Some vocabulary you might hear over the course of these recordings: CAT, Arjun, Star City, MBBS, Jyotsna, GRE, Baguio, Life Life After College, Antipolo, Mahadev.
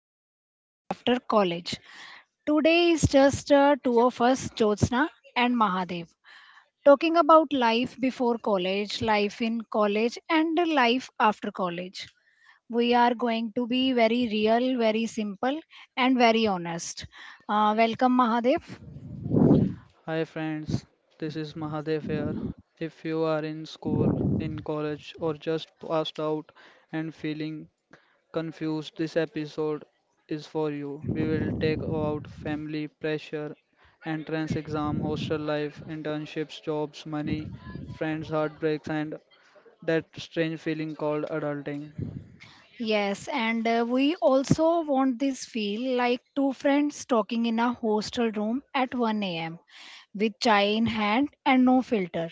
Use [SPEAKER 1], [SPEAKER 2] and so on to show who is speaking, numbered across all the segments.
[SPEAKER 1] Life After College. Today is just two of us, Jyotsna and Mahadev, talking about life before college, life in college, and life after college. We are going to be very real, very simple, and very honest. Welcome, Mahadev.
[SPEAKER 2] Hi friends, this is Mahadev here. If you are in school, in college, or just passed out and feeling confused, this episode is for you. We will take out family pressure, entrance exam, hostel life, internships, jobs, money, friends, heartbreaks, and that strange feeling called adulting.
[SPEAKER 1] Yes, and we also want this feel like two friends talking in a hostel room at 1 a.m. with chai in hand and no filter.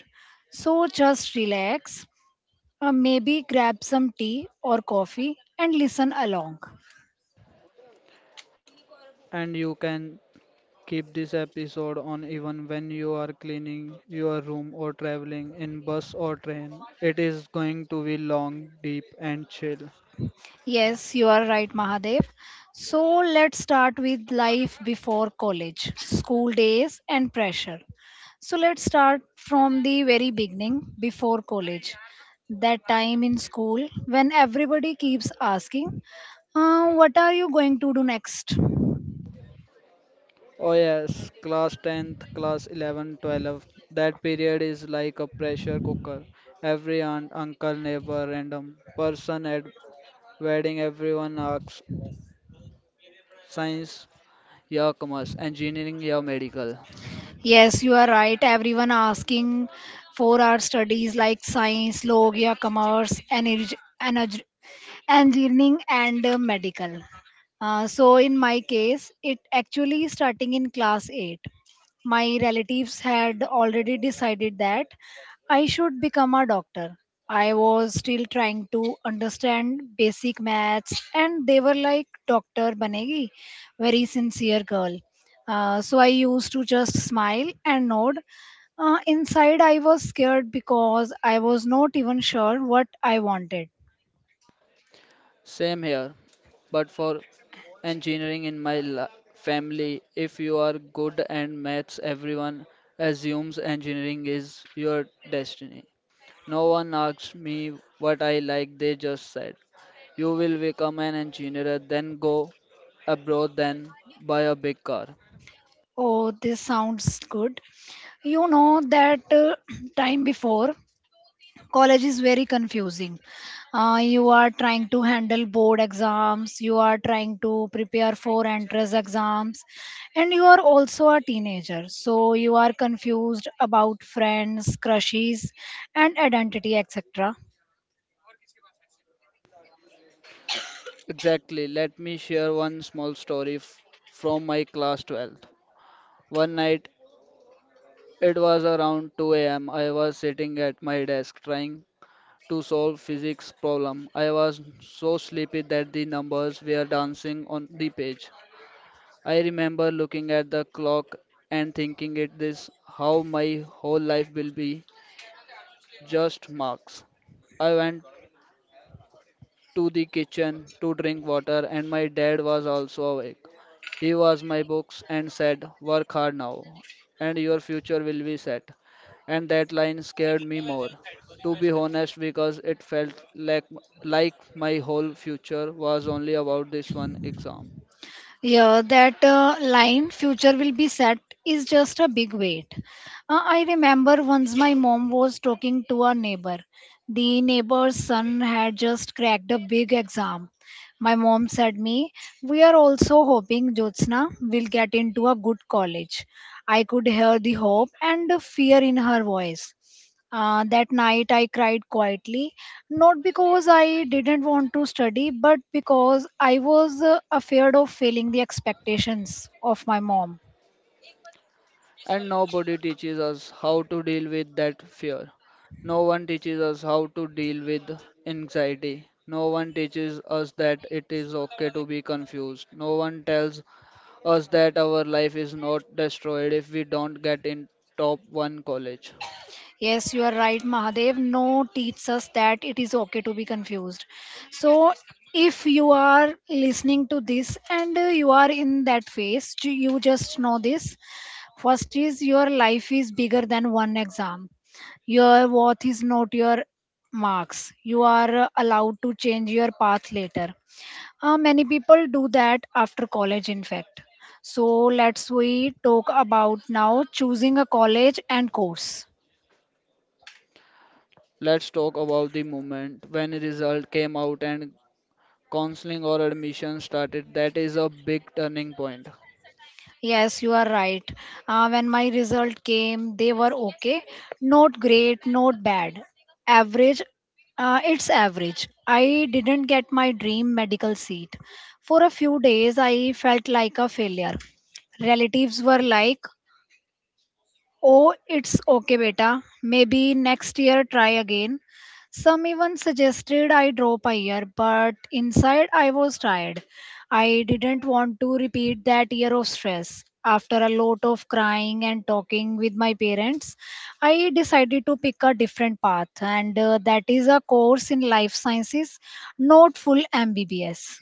[SPEAKER 1] So just relax, maybe grab some tea or coffee and listen along.
[SPEAKER 2] And you can keep this episode on even when you are cleaning your room or traveling in bus or train. It is going to be long, deep, and chill.
[SPEAKER 1] Yes, you are right, Mahadev. So let's start with life before college, school days, and pressure. So let's start from the very beginning, before college. That time in school when everybody keeps asking, what are you going to do next?
[SPEAKER 2] Oh, yes, class 10th, class 11th, 12th. That period is like a pressure cooker. Every aunt, uncle, neighbor, random person at wedding, everyone asks science, yeah, commerce, engineering, yeah, medical.
[SPEAKER 1] Yes, you are right. Everyone asking for our studies like science, log, ya commerce, energy, engineering and medical. So in my case, it actually starting in class 8. My relatives had already decided that I should become a doctor. I was still trying to understand basic maths, and they were like, Doctor Banegi, very sincere girl. So I used to just smile and nod. Inside, I was scared because I was not even sure what I wanted.
[SPEAKER 2] Same here, but for engineering in my family. If you are good at maths, everyone assumes engineering is your destiny. No one asked me what I like, they just said, "You will become an engineer, then go abroad, then buy a big car."
[SPEAKER 1] Oh, this sounds good. You know that time before college is very confusing. You are trying to handle board exams, you are trying to prepare for entrance exams, and you are also a teenager. So you are confused about friends, crushes, and identity, etc.
[SPEAKER 2] Exactly, let me share one small story from my class 12th. One night, it was around 2 a.m., I was sitting at my desk trying to solve physics problem. I was so sleepy that the numbers were dancing on the page. I remember looking at the clock and thinking it is how my whole life will be, just marks. I went to the kitchen to drink water and my dad was also awake. He was my books and said, "Work hard now, and your future will be set." And that line scared me more, to be honest, because it felt like my whole future was only about this one exam.
[SPEAKER 1] Yeah, that line, future will be set, is just a big weight. I remember once my mom was talking to a neighbor. The neighbor's son had just cracked a big exam. My mom said me, "We are also hoping Jyotsna will get into a good college." I could hear the hope and the fear in her voice. That night I cried quietly, not because I didn't want to study, but because I was afraid of failing the expectations of my mom.
[SPEAKER 2] And nobody teaches us how to deal with that fear. No one teaches us how to deal with anxiety. No one teaches us that it is okay to be confused. No one tells us that our life is not destroyed if we don't get in top one college.
[SPEAKER 1] Yes, you are right, Mahadev. No teaches us that it is okay to be confused. So, if you are listening to this and you are in that phase, you just know this. First is your life is bigger than one exam. Your worth is not your marks. You are allowed to change your path later. Many people do that after college, in fact. So let's we talk about now choosing a college and course.
[SPEAKER 2] Let's talk about the moment when result came out and counseling or admission started. That is a big turning point.
[SPEAKER 1] Yes, you are right. When my result came, they were okay. Not great, not bad. Average. It's average. I didn't get my dream medical seat. For a few days, I felt like a failure. Relatives were like, Oh, it's okay, beta. Maybe next year try again. Some even suggested I drop a year, but inside I was tired. I didn't want to repeat that year of stress. After a lot of crying and talking with my parents, I decided to pick a different path, and that is a course in life sciences, not full MBBS.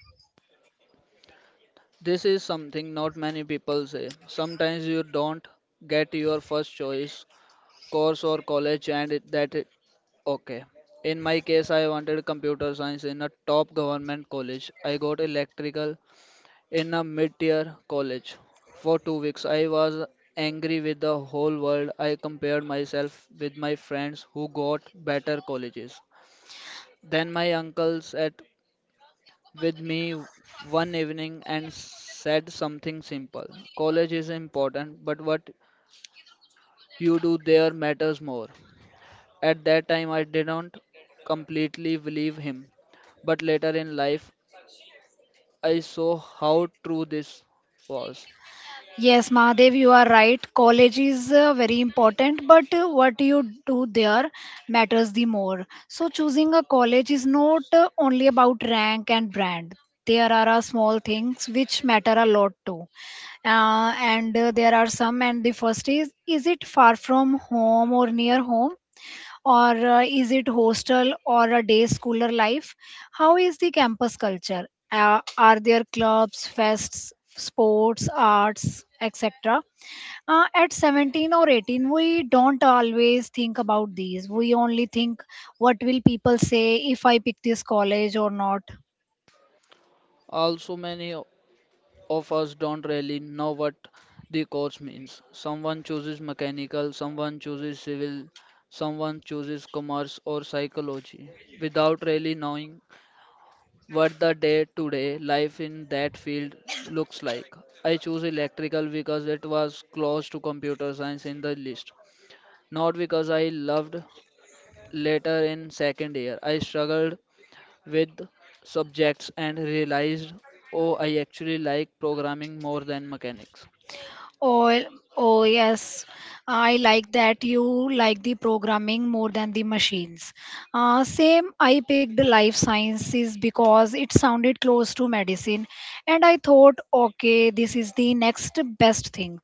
[SPEAKER 2] This is something not many people say. Sometimes you don't get your first choice course or college and it, that it, okay. In my case, I wanted computer science in a top government college. I got electrical in a mid-tier college. For 2 weeks, I was angry with the whole world. I compared myself with my friends who got better colleges. Then my uncle sat with me one evening and said something simple. College is important, but what you do there matters more. At that time, I didn't completely believe him, but later in life, I saw how true this was.
[SPEAKER 1] Yes, Mahadev, you are right. College is very important, but what you do there matters the more. So, choosing a college is not only about rank and brand. There are small things which matter a lot too. And there are some, and the first is it far from home or near home? Or is it hostel or a day schooler life? How is the campus culture? Are there clubs, fests, sports, arts, etc.? At 17 or 18, we don't always think about these. We only think, what will people say if I pick this college or not?
[SPEAKER 2] Also, many of us don't really know what the course means. Someone chooses mechanical, someone chooses civil, someone chooses commerce or psychology without really knowing what the day to day life in that field looks like. I chose electrical because it was close to computer science in the list, not because I loved later in second year. I struggled with subjects and realized oh, I actually like programming more than mechanics.
[SPEAKER 1] Oh, oh yes. I like that you like the programming more than the machines. Same, I picked life sciences because it sounded close to medicine, and I thought, okay, this is the next best thing.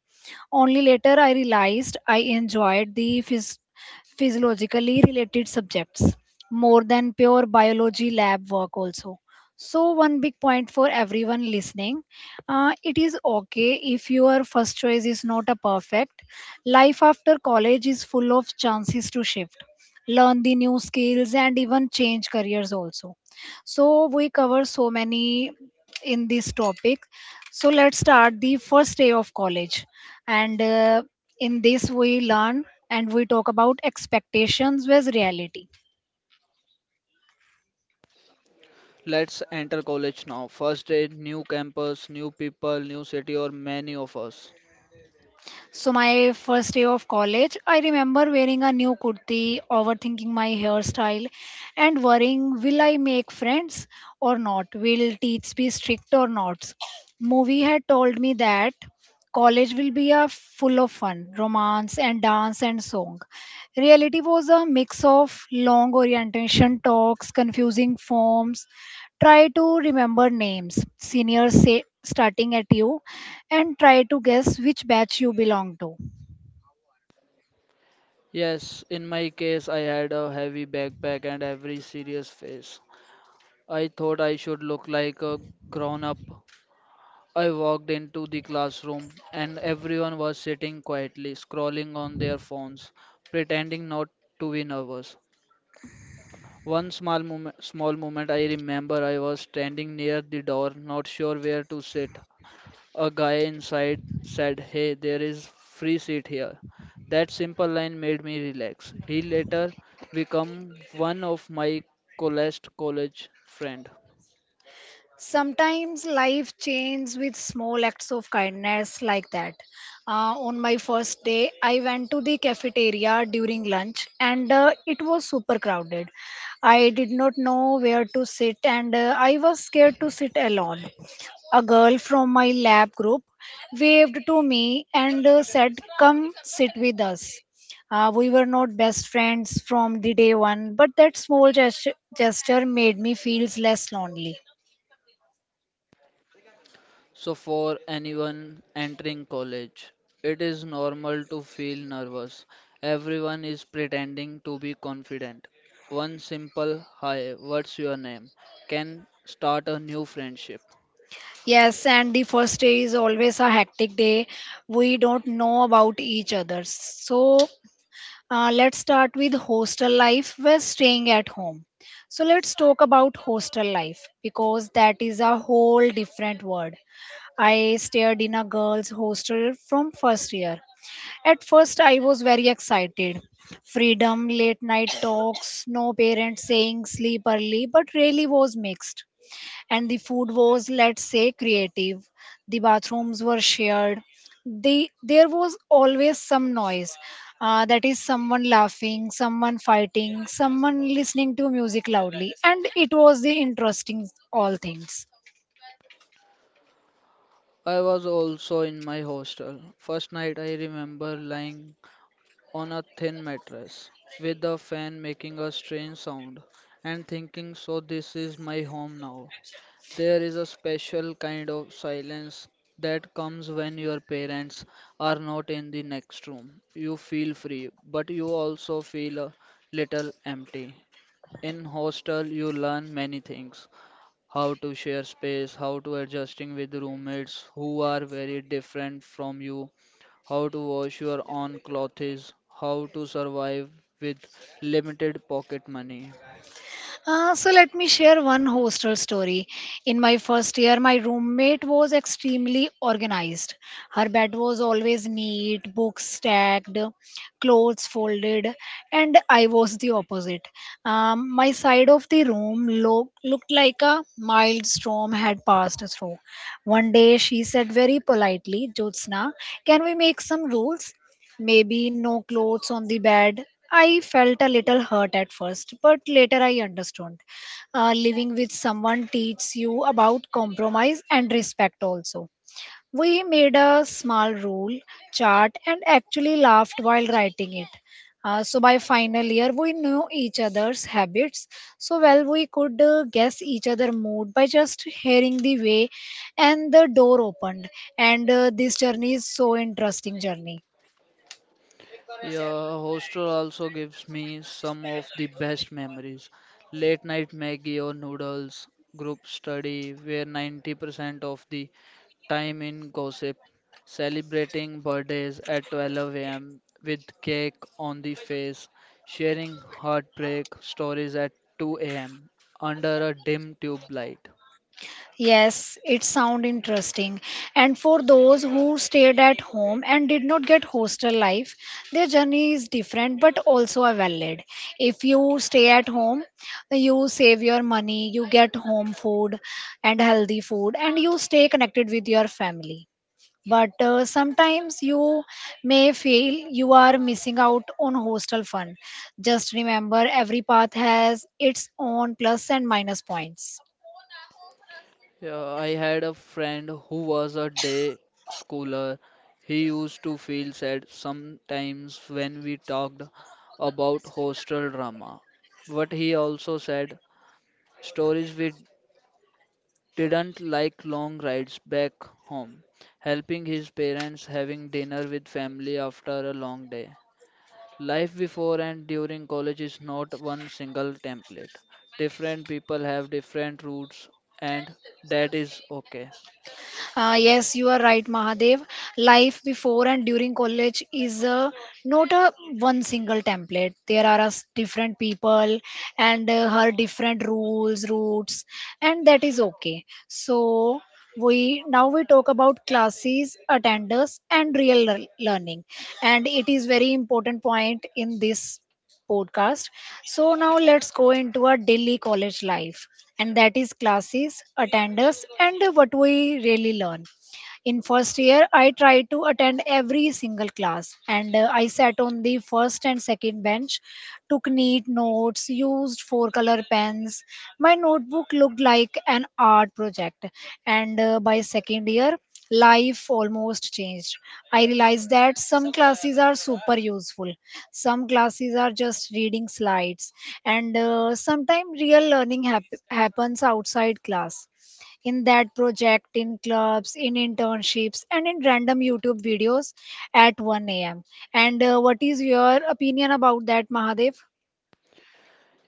[SPEAKER 1] Only later I realized I enjoyed the physiologically related subjects more than pure biology lab work, also. So, one big point for everyone listening it is okay if your first choice is not a perfect. Life after college is full of chances to shift, learn the new skills, and even change careers also. So, we cover so many in this topic. So, let's start the first day of college. And in this, we learn and we talk about expectations versus reality.
[SPEAKER 2] Let's enter college now. First day, new campus, new people, new city, or many of us.
[SPEAKER 1] So my first day of college, I remember wearing a new kurti, overthinking my hairstyle, and worrying will I make friends or not? Will teach be strict or not? Movie had told me that college will be a full of fun, romance and dance and song. Reality was a mix of long orientation talks, confusing forms, try to remember names seniors say starting at you and try to guess which batch you belong to.
[SPEAKER 2] Yes, in my case, I had a heavy backpack and every serious face. I thought I should look like a grown up. I walked into the classroom, and everyone was sitting quietly, scrolling on their phones, pretending not to be nervous. One small moment I remember I was standing near the door, not sure where to sit. A guy inside said, "Hey, there is free seat here." That simple line made me relax. He later became one of my coolest college friend.
[SPEAKER 1] Sometimes life changes with small acts of kindness like that. Uh, on my first day I went to the cafeteria during lunch and it was super crowded. I did not know where to sit and I was scared to sit alone. A girl from my lab group waved to me and said come sit with us. We were not best friends from the day one but that small gesture made me feel less lonely.
[SPEAKER 2] So for anyone entering college, it is normal to feel nervous. Everyone is pretending to be confident. One simple hi, what's your name, can start a new friendship.
[SPEAKER 1] Yes, and the first day is always a hectic day. We don't know about each other. So, let's start with hostel life. We're staying at home. So, let's talk about hostel life because that is a whole different world. I stayed in a girls' hostel from first year. At first, I was very excited. Freedom, late night talks, no parents saying sleep early, but really was mixed and the food was let's say creative. The bathrooms were shared. The there was always some noise, that is someone laughing someone fighting someone listening to music loudly and it was the interesting all things.
[SPEAKER 2] I was also in my hostel. First night I remember lying on a thin mattress, with a fan making a strange sound, and thinking, so this is my home now. There is a special kind of silence that comes when your parents are not in the next room. You feel free, but you also feel a little empty. In hostel, you learn many things: how to share space, how to adjusting with roommates who are very different from you, how to wash your own clothes, how to survive with limited pocket money.
[SPEAKER 1] So let me share one hostel story. In my first year, my roommate was extremely organized. Her bed was always neat, books stacked, clothes folded, and I was the opposite. My side of the room looked like a mild storm had passed through. One day, she said very politely, Jyotsna, can we make some rules? Maybe no clothes on the bed. I felt a little hurt at first, but later I understood. Living with someone teaches you about compromise and respect also. We made a small rule chart and actually laughed while writing it. So by final year, we knew each other's habits so well we could guess each other mood by just hearing the way and the door opened and this journey is so interesting journey.
[SPEAKER 2] Yeah, hostel also gives me some of the best memories. Late night Maggie or noodles, group study, where 90% of the time in gossip, celebrating birthdays at 12 a.m. with cake on the face, sharing heartbreak stories at 2 a.m. under a dim tube light.
[SPEAKER 1] Yes, it sound interesting. And for those who stayed at home and did not get hostel life, their journey is different but also a valid. If you stay at home, you save your money, you get home food and healthy food, and you stay connected with your family. But sometimes you may feel you are missing out on hostel fun. Just remember every path has its own plus and minus points.
[SPEAKER 2] Yeah, I had a friend who was a day schooler. He used to feel sad sometimes when we talked about hostel drama. But he also said stories we didn't like long rides back home, helping his parents, having dinner with family after a long day. Life before and during college is not one single template. Different people have different routes, and that is okay.
[SPEAKER 1] Yes, you are right, Mahadev. Life before and during college is not a one single template. There are us different people and her different rules, routes, and that is okay. So we now we talk about classes, attenders, and real learning, and it is very important point in this podcast. So, now let's go into our daily college life, and that is classes, attendance, and what we really learn. In first year, I tried to attend every single class, and I sat on the first and second bench, took neat notes, used four color pens. My notebook looked like an art project, and by second year, life almost changed. I realized that some classes are super useful, some classes are just reading slides and sometimes real learning happens outside class, in that project, in clubs, in internships and in random YouTube videos at 1 a.m., and what is your opinion about that, Mahadev?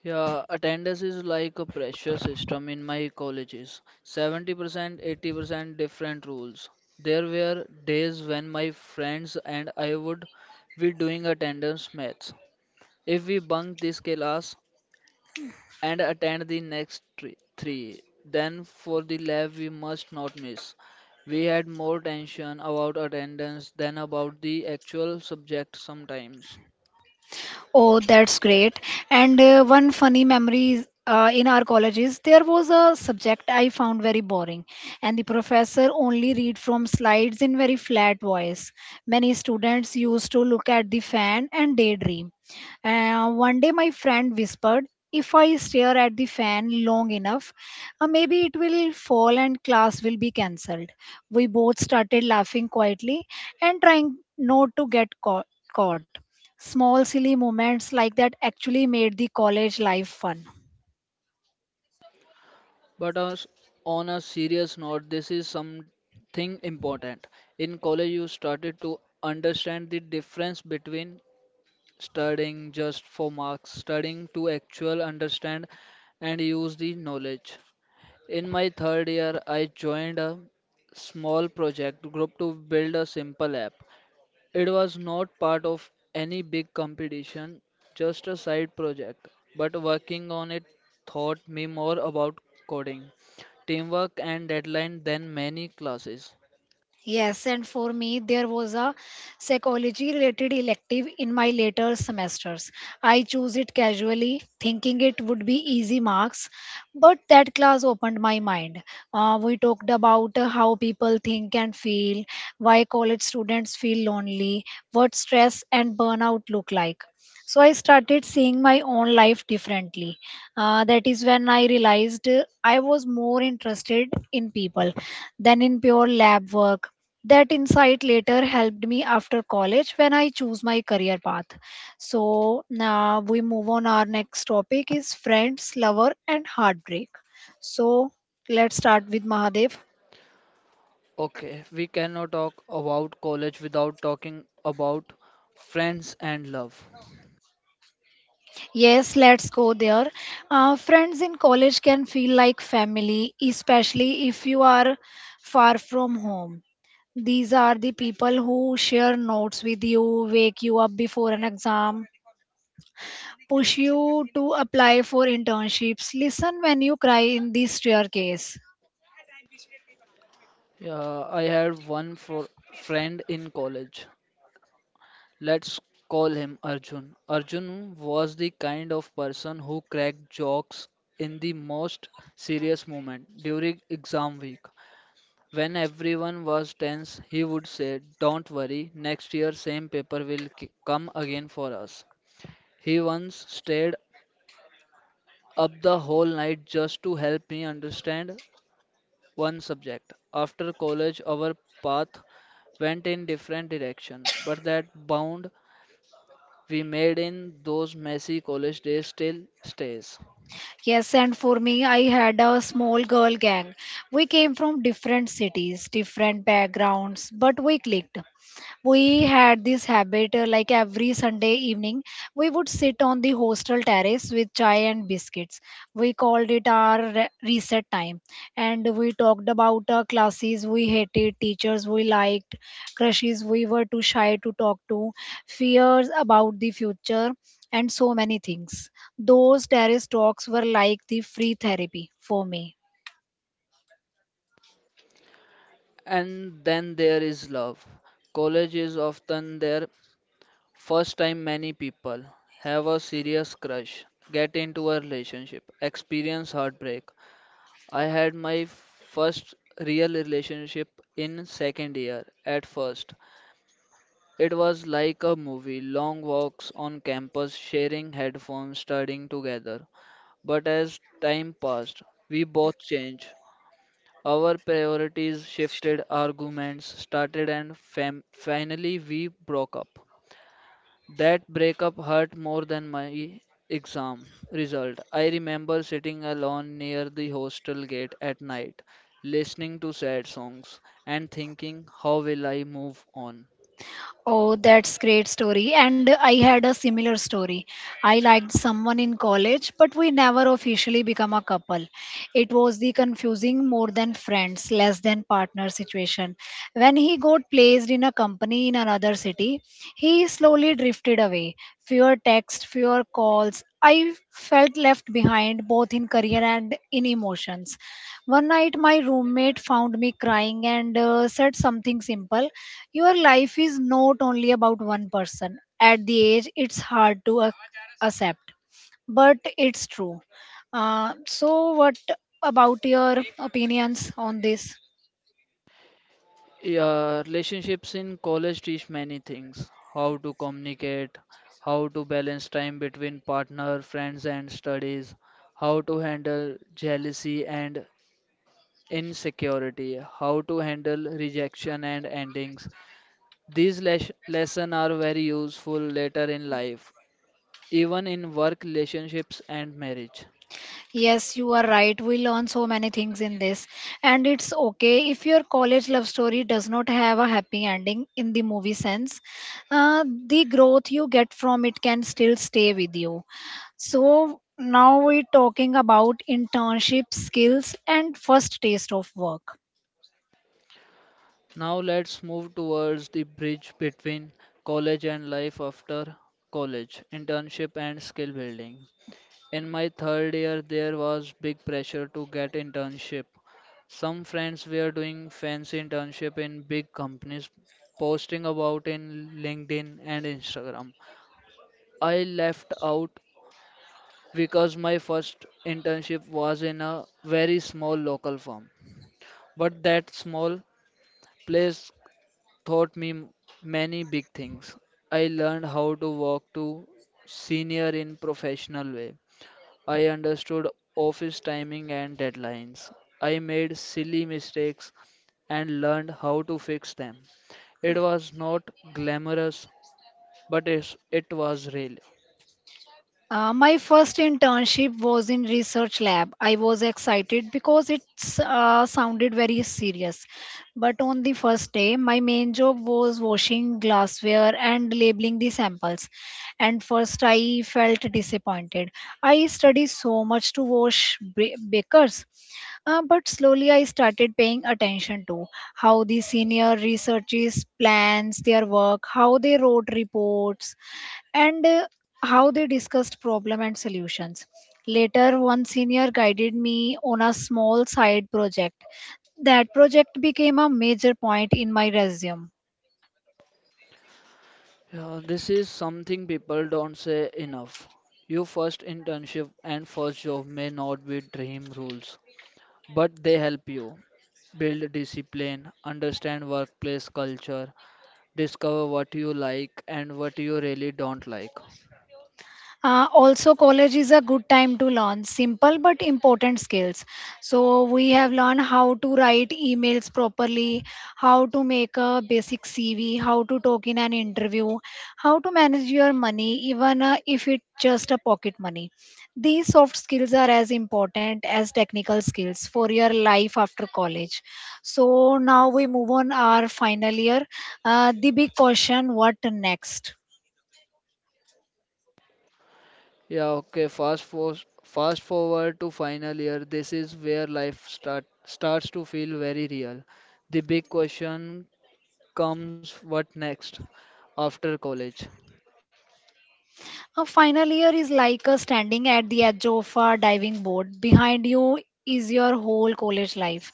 [SPEAKER 2] Yeah, attendance is like a pressure system in my colleges. 70%, 80% different rules. There were days when my friends and I would be doing attendance maths. If we bunk this class and attend the next three, then for the lab we must not miss. We had more tension about attendance than about the actual subject sometimes.
[SPEAKER 1] Oh, that's great. And one funny memory is, in our colleges, there was a subject I found very boring, and the professor only read from slides in very flat voice. Many students used to look at the fan and daydream. One day, my friend whispered, "If I stare at the fan long enough, maybe it will fall and class will be cancelled." We both started laughing quietly and trying not to get caught. Small silly moments like that actually made the college life fun.
[SPEAKER 2] But us- on a serious note, this is something important. In college, you started to understand the difference between studying just for marks, studying to actually understand and use the knowledge. In my third year, I joined a small project group to build a simple app. It was not part of any big competition, just a side project. But working on it taught me more about coding, teamwork, and deadline than many classes.
[SPEAKER 1] Yes, and for me, there was a psychology related elective in my later semesters. I chose it casually, thinking it would be easy marks, but that class opened my mind. We talked about how people think and feel, why college students feel lonely, what stress and burnout look like. So I started seeing my own life differently. That is when I realized I was more interested in people than in pure lab work. That insight later helped me after college when I choose my career path. So now we move on. Our next topic is friends, lover, and heartbreak. So let's start with Mahadev.
[SPEAKER 2] Okay, we cannot talk about college without talking about friends and love.
[SPEAKER 1] Yes, let's go there. Friends in college can feel like family, especially if you are far from home. These are the people who share notes with you, wake you up before an exam, push you to apply for internships, listen when you cry in this staircase.
[SPEAKER 2] Yeah, I had one for friend in college. Let's call him Arjun. Arjun was the kind of person who cracked jokes in the most serious moment during exam week. When everyone was tense, he would say, "Don't worry, next year same paper will come again for us." He once stayed up the whole night just to help me understand one subject. After college, our path went in different direction, but that bound we made in those messy college days still stays.
[SPEAKER 1] Yes, and for me, I had a small girl gang. We came from different cities, different backgrounds, but we clicked. We had this habit, like every Sunday evening we would sit on the hostel terrace with chai and biscuits. We called it our reset time. And we talked about our classes we hated, teachers we liked, crushes we were too shy to talk to, fears about the future, and so many things. Those terrace talks were like the free therapy for me.
[SPEAKER 2] And then there is love. College is often their first time many people have a serious crush, get into a relationship, experience heartbreak. I had my first real relationship in second year at first. It was like a movie, long walks on campus, sharing headphones, studying together. But as time passed, we both changed. Our priorities shifted, arguments started, and finally we broke up. That breakup hurt more than my exam result. I remember sitting alone near the hostel gate at night, listening to sad songs, and thinking, how will I move on?
[SPEAKER 1] Oh, that's great story. And I had a similar story. I liked someone in college, but we never officially become a couple. It was the confusing more than friends, less than partner situation. When he got placed in a company in another city, he slowly drifted away. Fewer texts, fewer calls, I felt left behind both in career and in emotions. One night, my roommate found me crying and said something simple. Your life is not only about one person. At the age, it's hard to accept, but it's true. So, what about your opinions on this?
[SPEAKER 2] Yeah, relationships in college teach many things. How to communicate, how to balance time between partner, friends, and studies, how to handle jealousy and insecurity, how to handle rejection and endings. These lessons are very useful later in life, even in work relationships and marriage.
[SPEAKER 1] Yes, you are right. We learn so many things in this. And it's okay if your college love story does not have a happy ending in the movie sense. The growth you get from it can still stay with you. So now we're talking about internship skills and first taste of work.
[SPEAKER 2] Now let's move towards the bridge between college and life after college, internship and skill building. In my third year, there was big pressure to get internship. Some friends were doing fancy internship in big companies, posting about in LinkedIn and Instagram. I left out because my first internship was in a very small local firm. But that small place taught me many big things. I learned how to walk to senior in professional way. I understood office timing and deadlines. I made silly mistakes and learned how to fix them. It was not glamorous, but it was real.
[SPEAKER 1] My first internship was in research lab. I was excited because it sounded very serious. But on the first day, my main job was washing glassware and labeling the samples. And first, I felt disappointed. I studied so much to wash bakers, but slowly I started paying attention to how the senior researchers plans their work, how they wrote reports, and how they discussed problem and solutions. Later, one senior guided me on a small side project. That project became a major point in my resume.
[SPEAKER 2] Yeah, this is something people don't say enough. Your first internship and first job may not be dream rules, but they help you build discipline, understand workplace culture, discover what you like and what you really don't like.
[SPEAKER 1] Also, college is a good time to learn simple but important skills. So, we have learned how to write emails properly, how to make a basic CV, how to talk in an interview, how to manage your money, even if it's just a pocket money. These soft skills are as important as technical skills for your life after college. So, now we move on our final year. The big question, what next?
[SPEAKER 2] Yeah, okay. Fast forward to final year. This is where life starts to feel very real. The big question comes, what next after college?
[SPEAKER 1] A final year is like standing at the edge of a diving board. Behind you is your whole college life.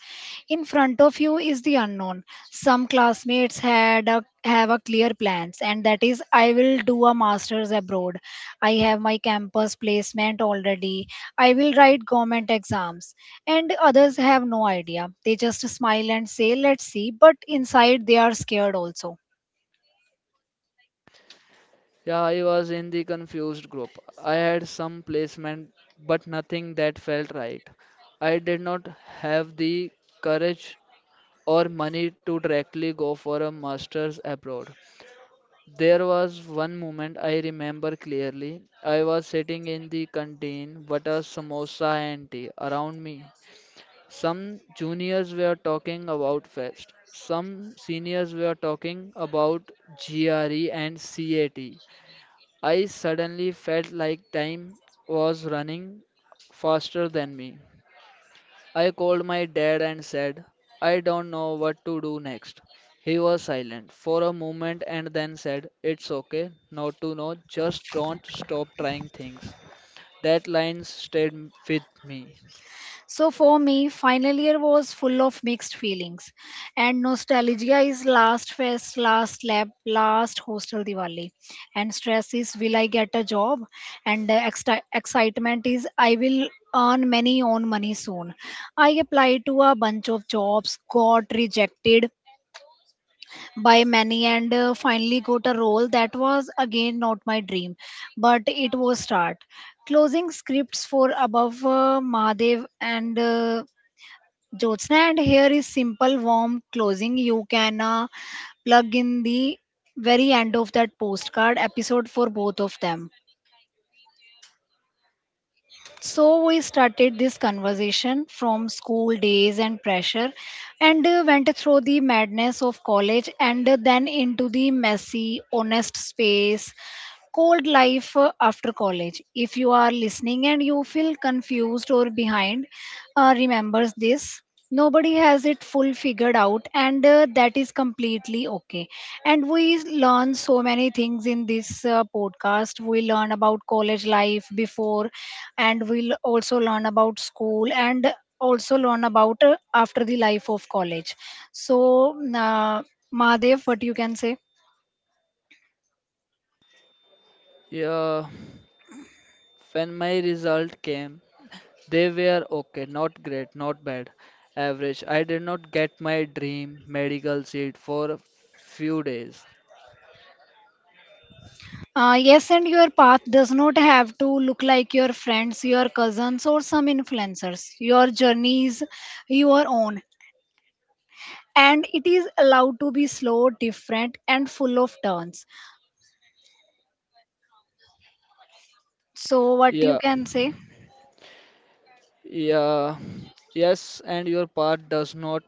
[SPEAKER 1] In front of you is the unknown. Some classmates have a clear plans, and that is, I will do a master's abroad. I have my campus placement already. I will write government exams. And others have no idea. They just smile and say, let's see. But inside, they are scared also.
[SPEAKER 2] Yeah, I was in the confused group. I had some placement but nothing that felt right. I did not have the courage or money to directly go for a master's abroad. There was one moment I remember clearly. I was sitting in the canteen, butter, samosa, and tea around me. Some juniors were talking about fest. Some seniors were talking about GRE and CAT. I suddenly felt like time was running faster than me. I called my dad and said, "I don't know what to do next." He was silent for a moment and then said, "It's okay not to know, just don't stop trying things." That line stayed with me.
[SPEAKER 1] So for me, final year was full of mixed feelings, and nostalgia is last fest, last lab, last hostel Diwali, and stress is will I get a job, and the excitement is I will earn many own money soon. I applied to a bunch of jobs, got rejected by many, and finally got a role that was again not my dream, but it was start. Closing scripts for above Mahadev and. Jyotsna, and here is simple warm closing. You can plug in the very end of that postcard episode for both of them. So we started this conversation from school days and pressure, and went through the madness of college, and then into the messy, honest space cold life after college. If you are listening and you feel confused or behind, remembers this. Nobody has it full figured out, and that is completely okay. And we learn so many things in this podcast. We learn about college life before, and we'll also learn about school and also learn about after the life of college. So, Mahadev, what you can say?
[SPEAKER 2] Yeah, when my result came, they were okay, not great, not bad, average. I did not get my dream medical seat for a few days.
[SPEAKER 1] Yes, and your path does not have to look like your friends, your cousins, or some influencers. Your journey is your own, and it is allowed to be slow, different, and full of turns. So, what you
[SPEAKER 2] Yeah,
[SPEAKER 1] can say?
[SPEAKER 2] yeah, yes, and your part does not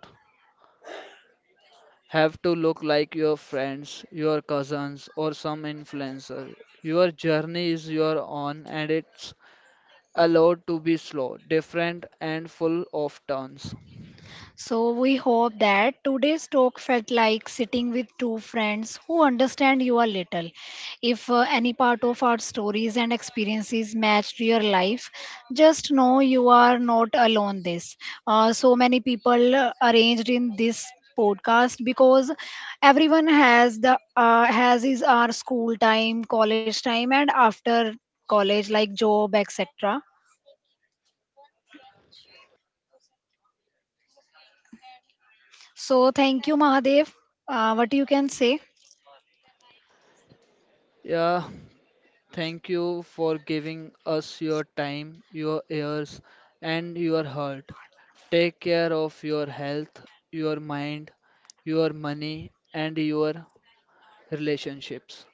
[SPEAKER 2] have to look like your friends, your cousins, or some influencer. Your journey is your own and it's allowed to be slow, different, and full of turns.
[SPEAKER 1] So, we hope that today's talk felt like sitting with two friends who understand you a little. If any part of our stories and experiences matched your life, just know you are not alone. This so many people arranged in this podcast because everyone has the has is our school time, college time, and after college like job etc. So, thank you, Mahadev. What you can say?
[SPEAKER 2] Yeah, thank you for giving us your time, your ears, and your heart. Take care of your health, your mind, your money, and your relationships.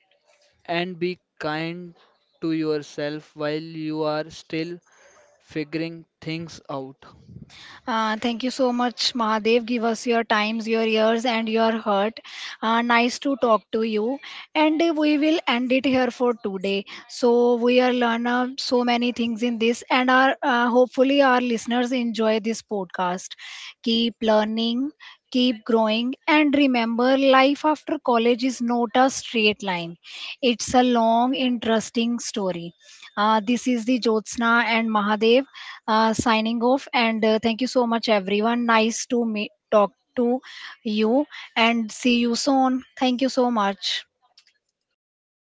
[SPEAKER 2] And be kind to yourself while you are still figuring things out.
[SPEAKER 1] Thank you so much, Mahadev. Give us your times, your ears, and your heart. Nice to talk to you. And we will end it here for today. So we are learn so many things in this, and our hopefully our listeners enjoy this podcast. Keep learning, keep growing, and remember, life after college is not a straight line. It's a long, interesting story. This is the Jyotsna and Mahadev signing off. And thank you so much, everyone. Nice to meet, talk to you, and see you soon. Thank you so much.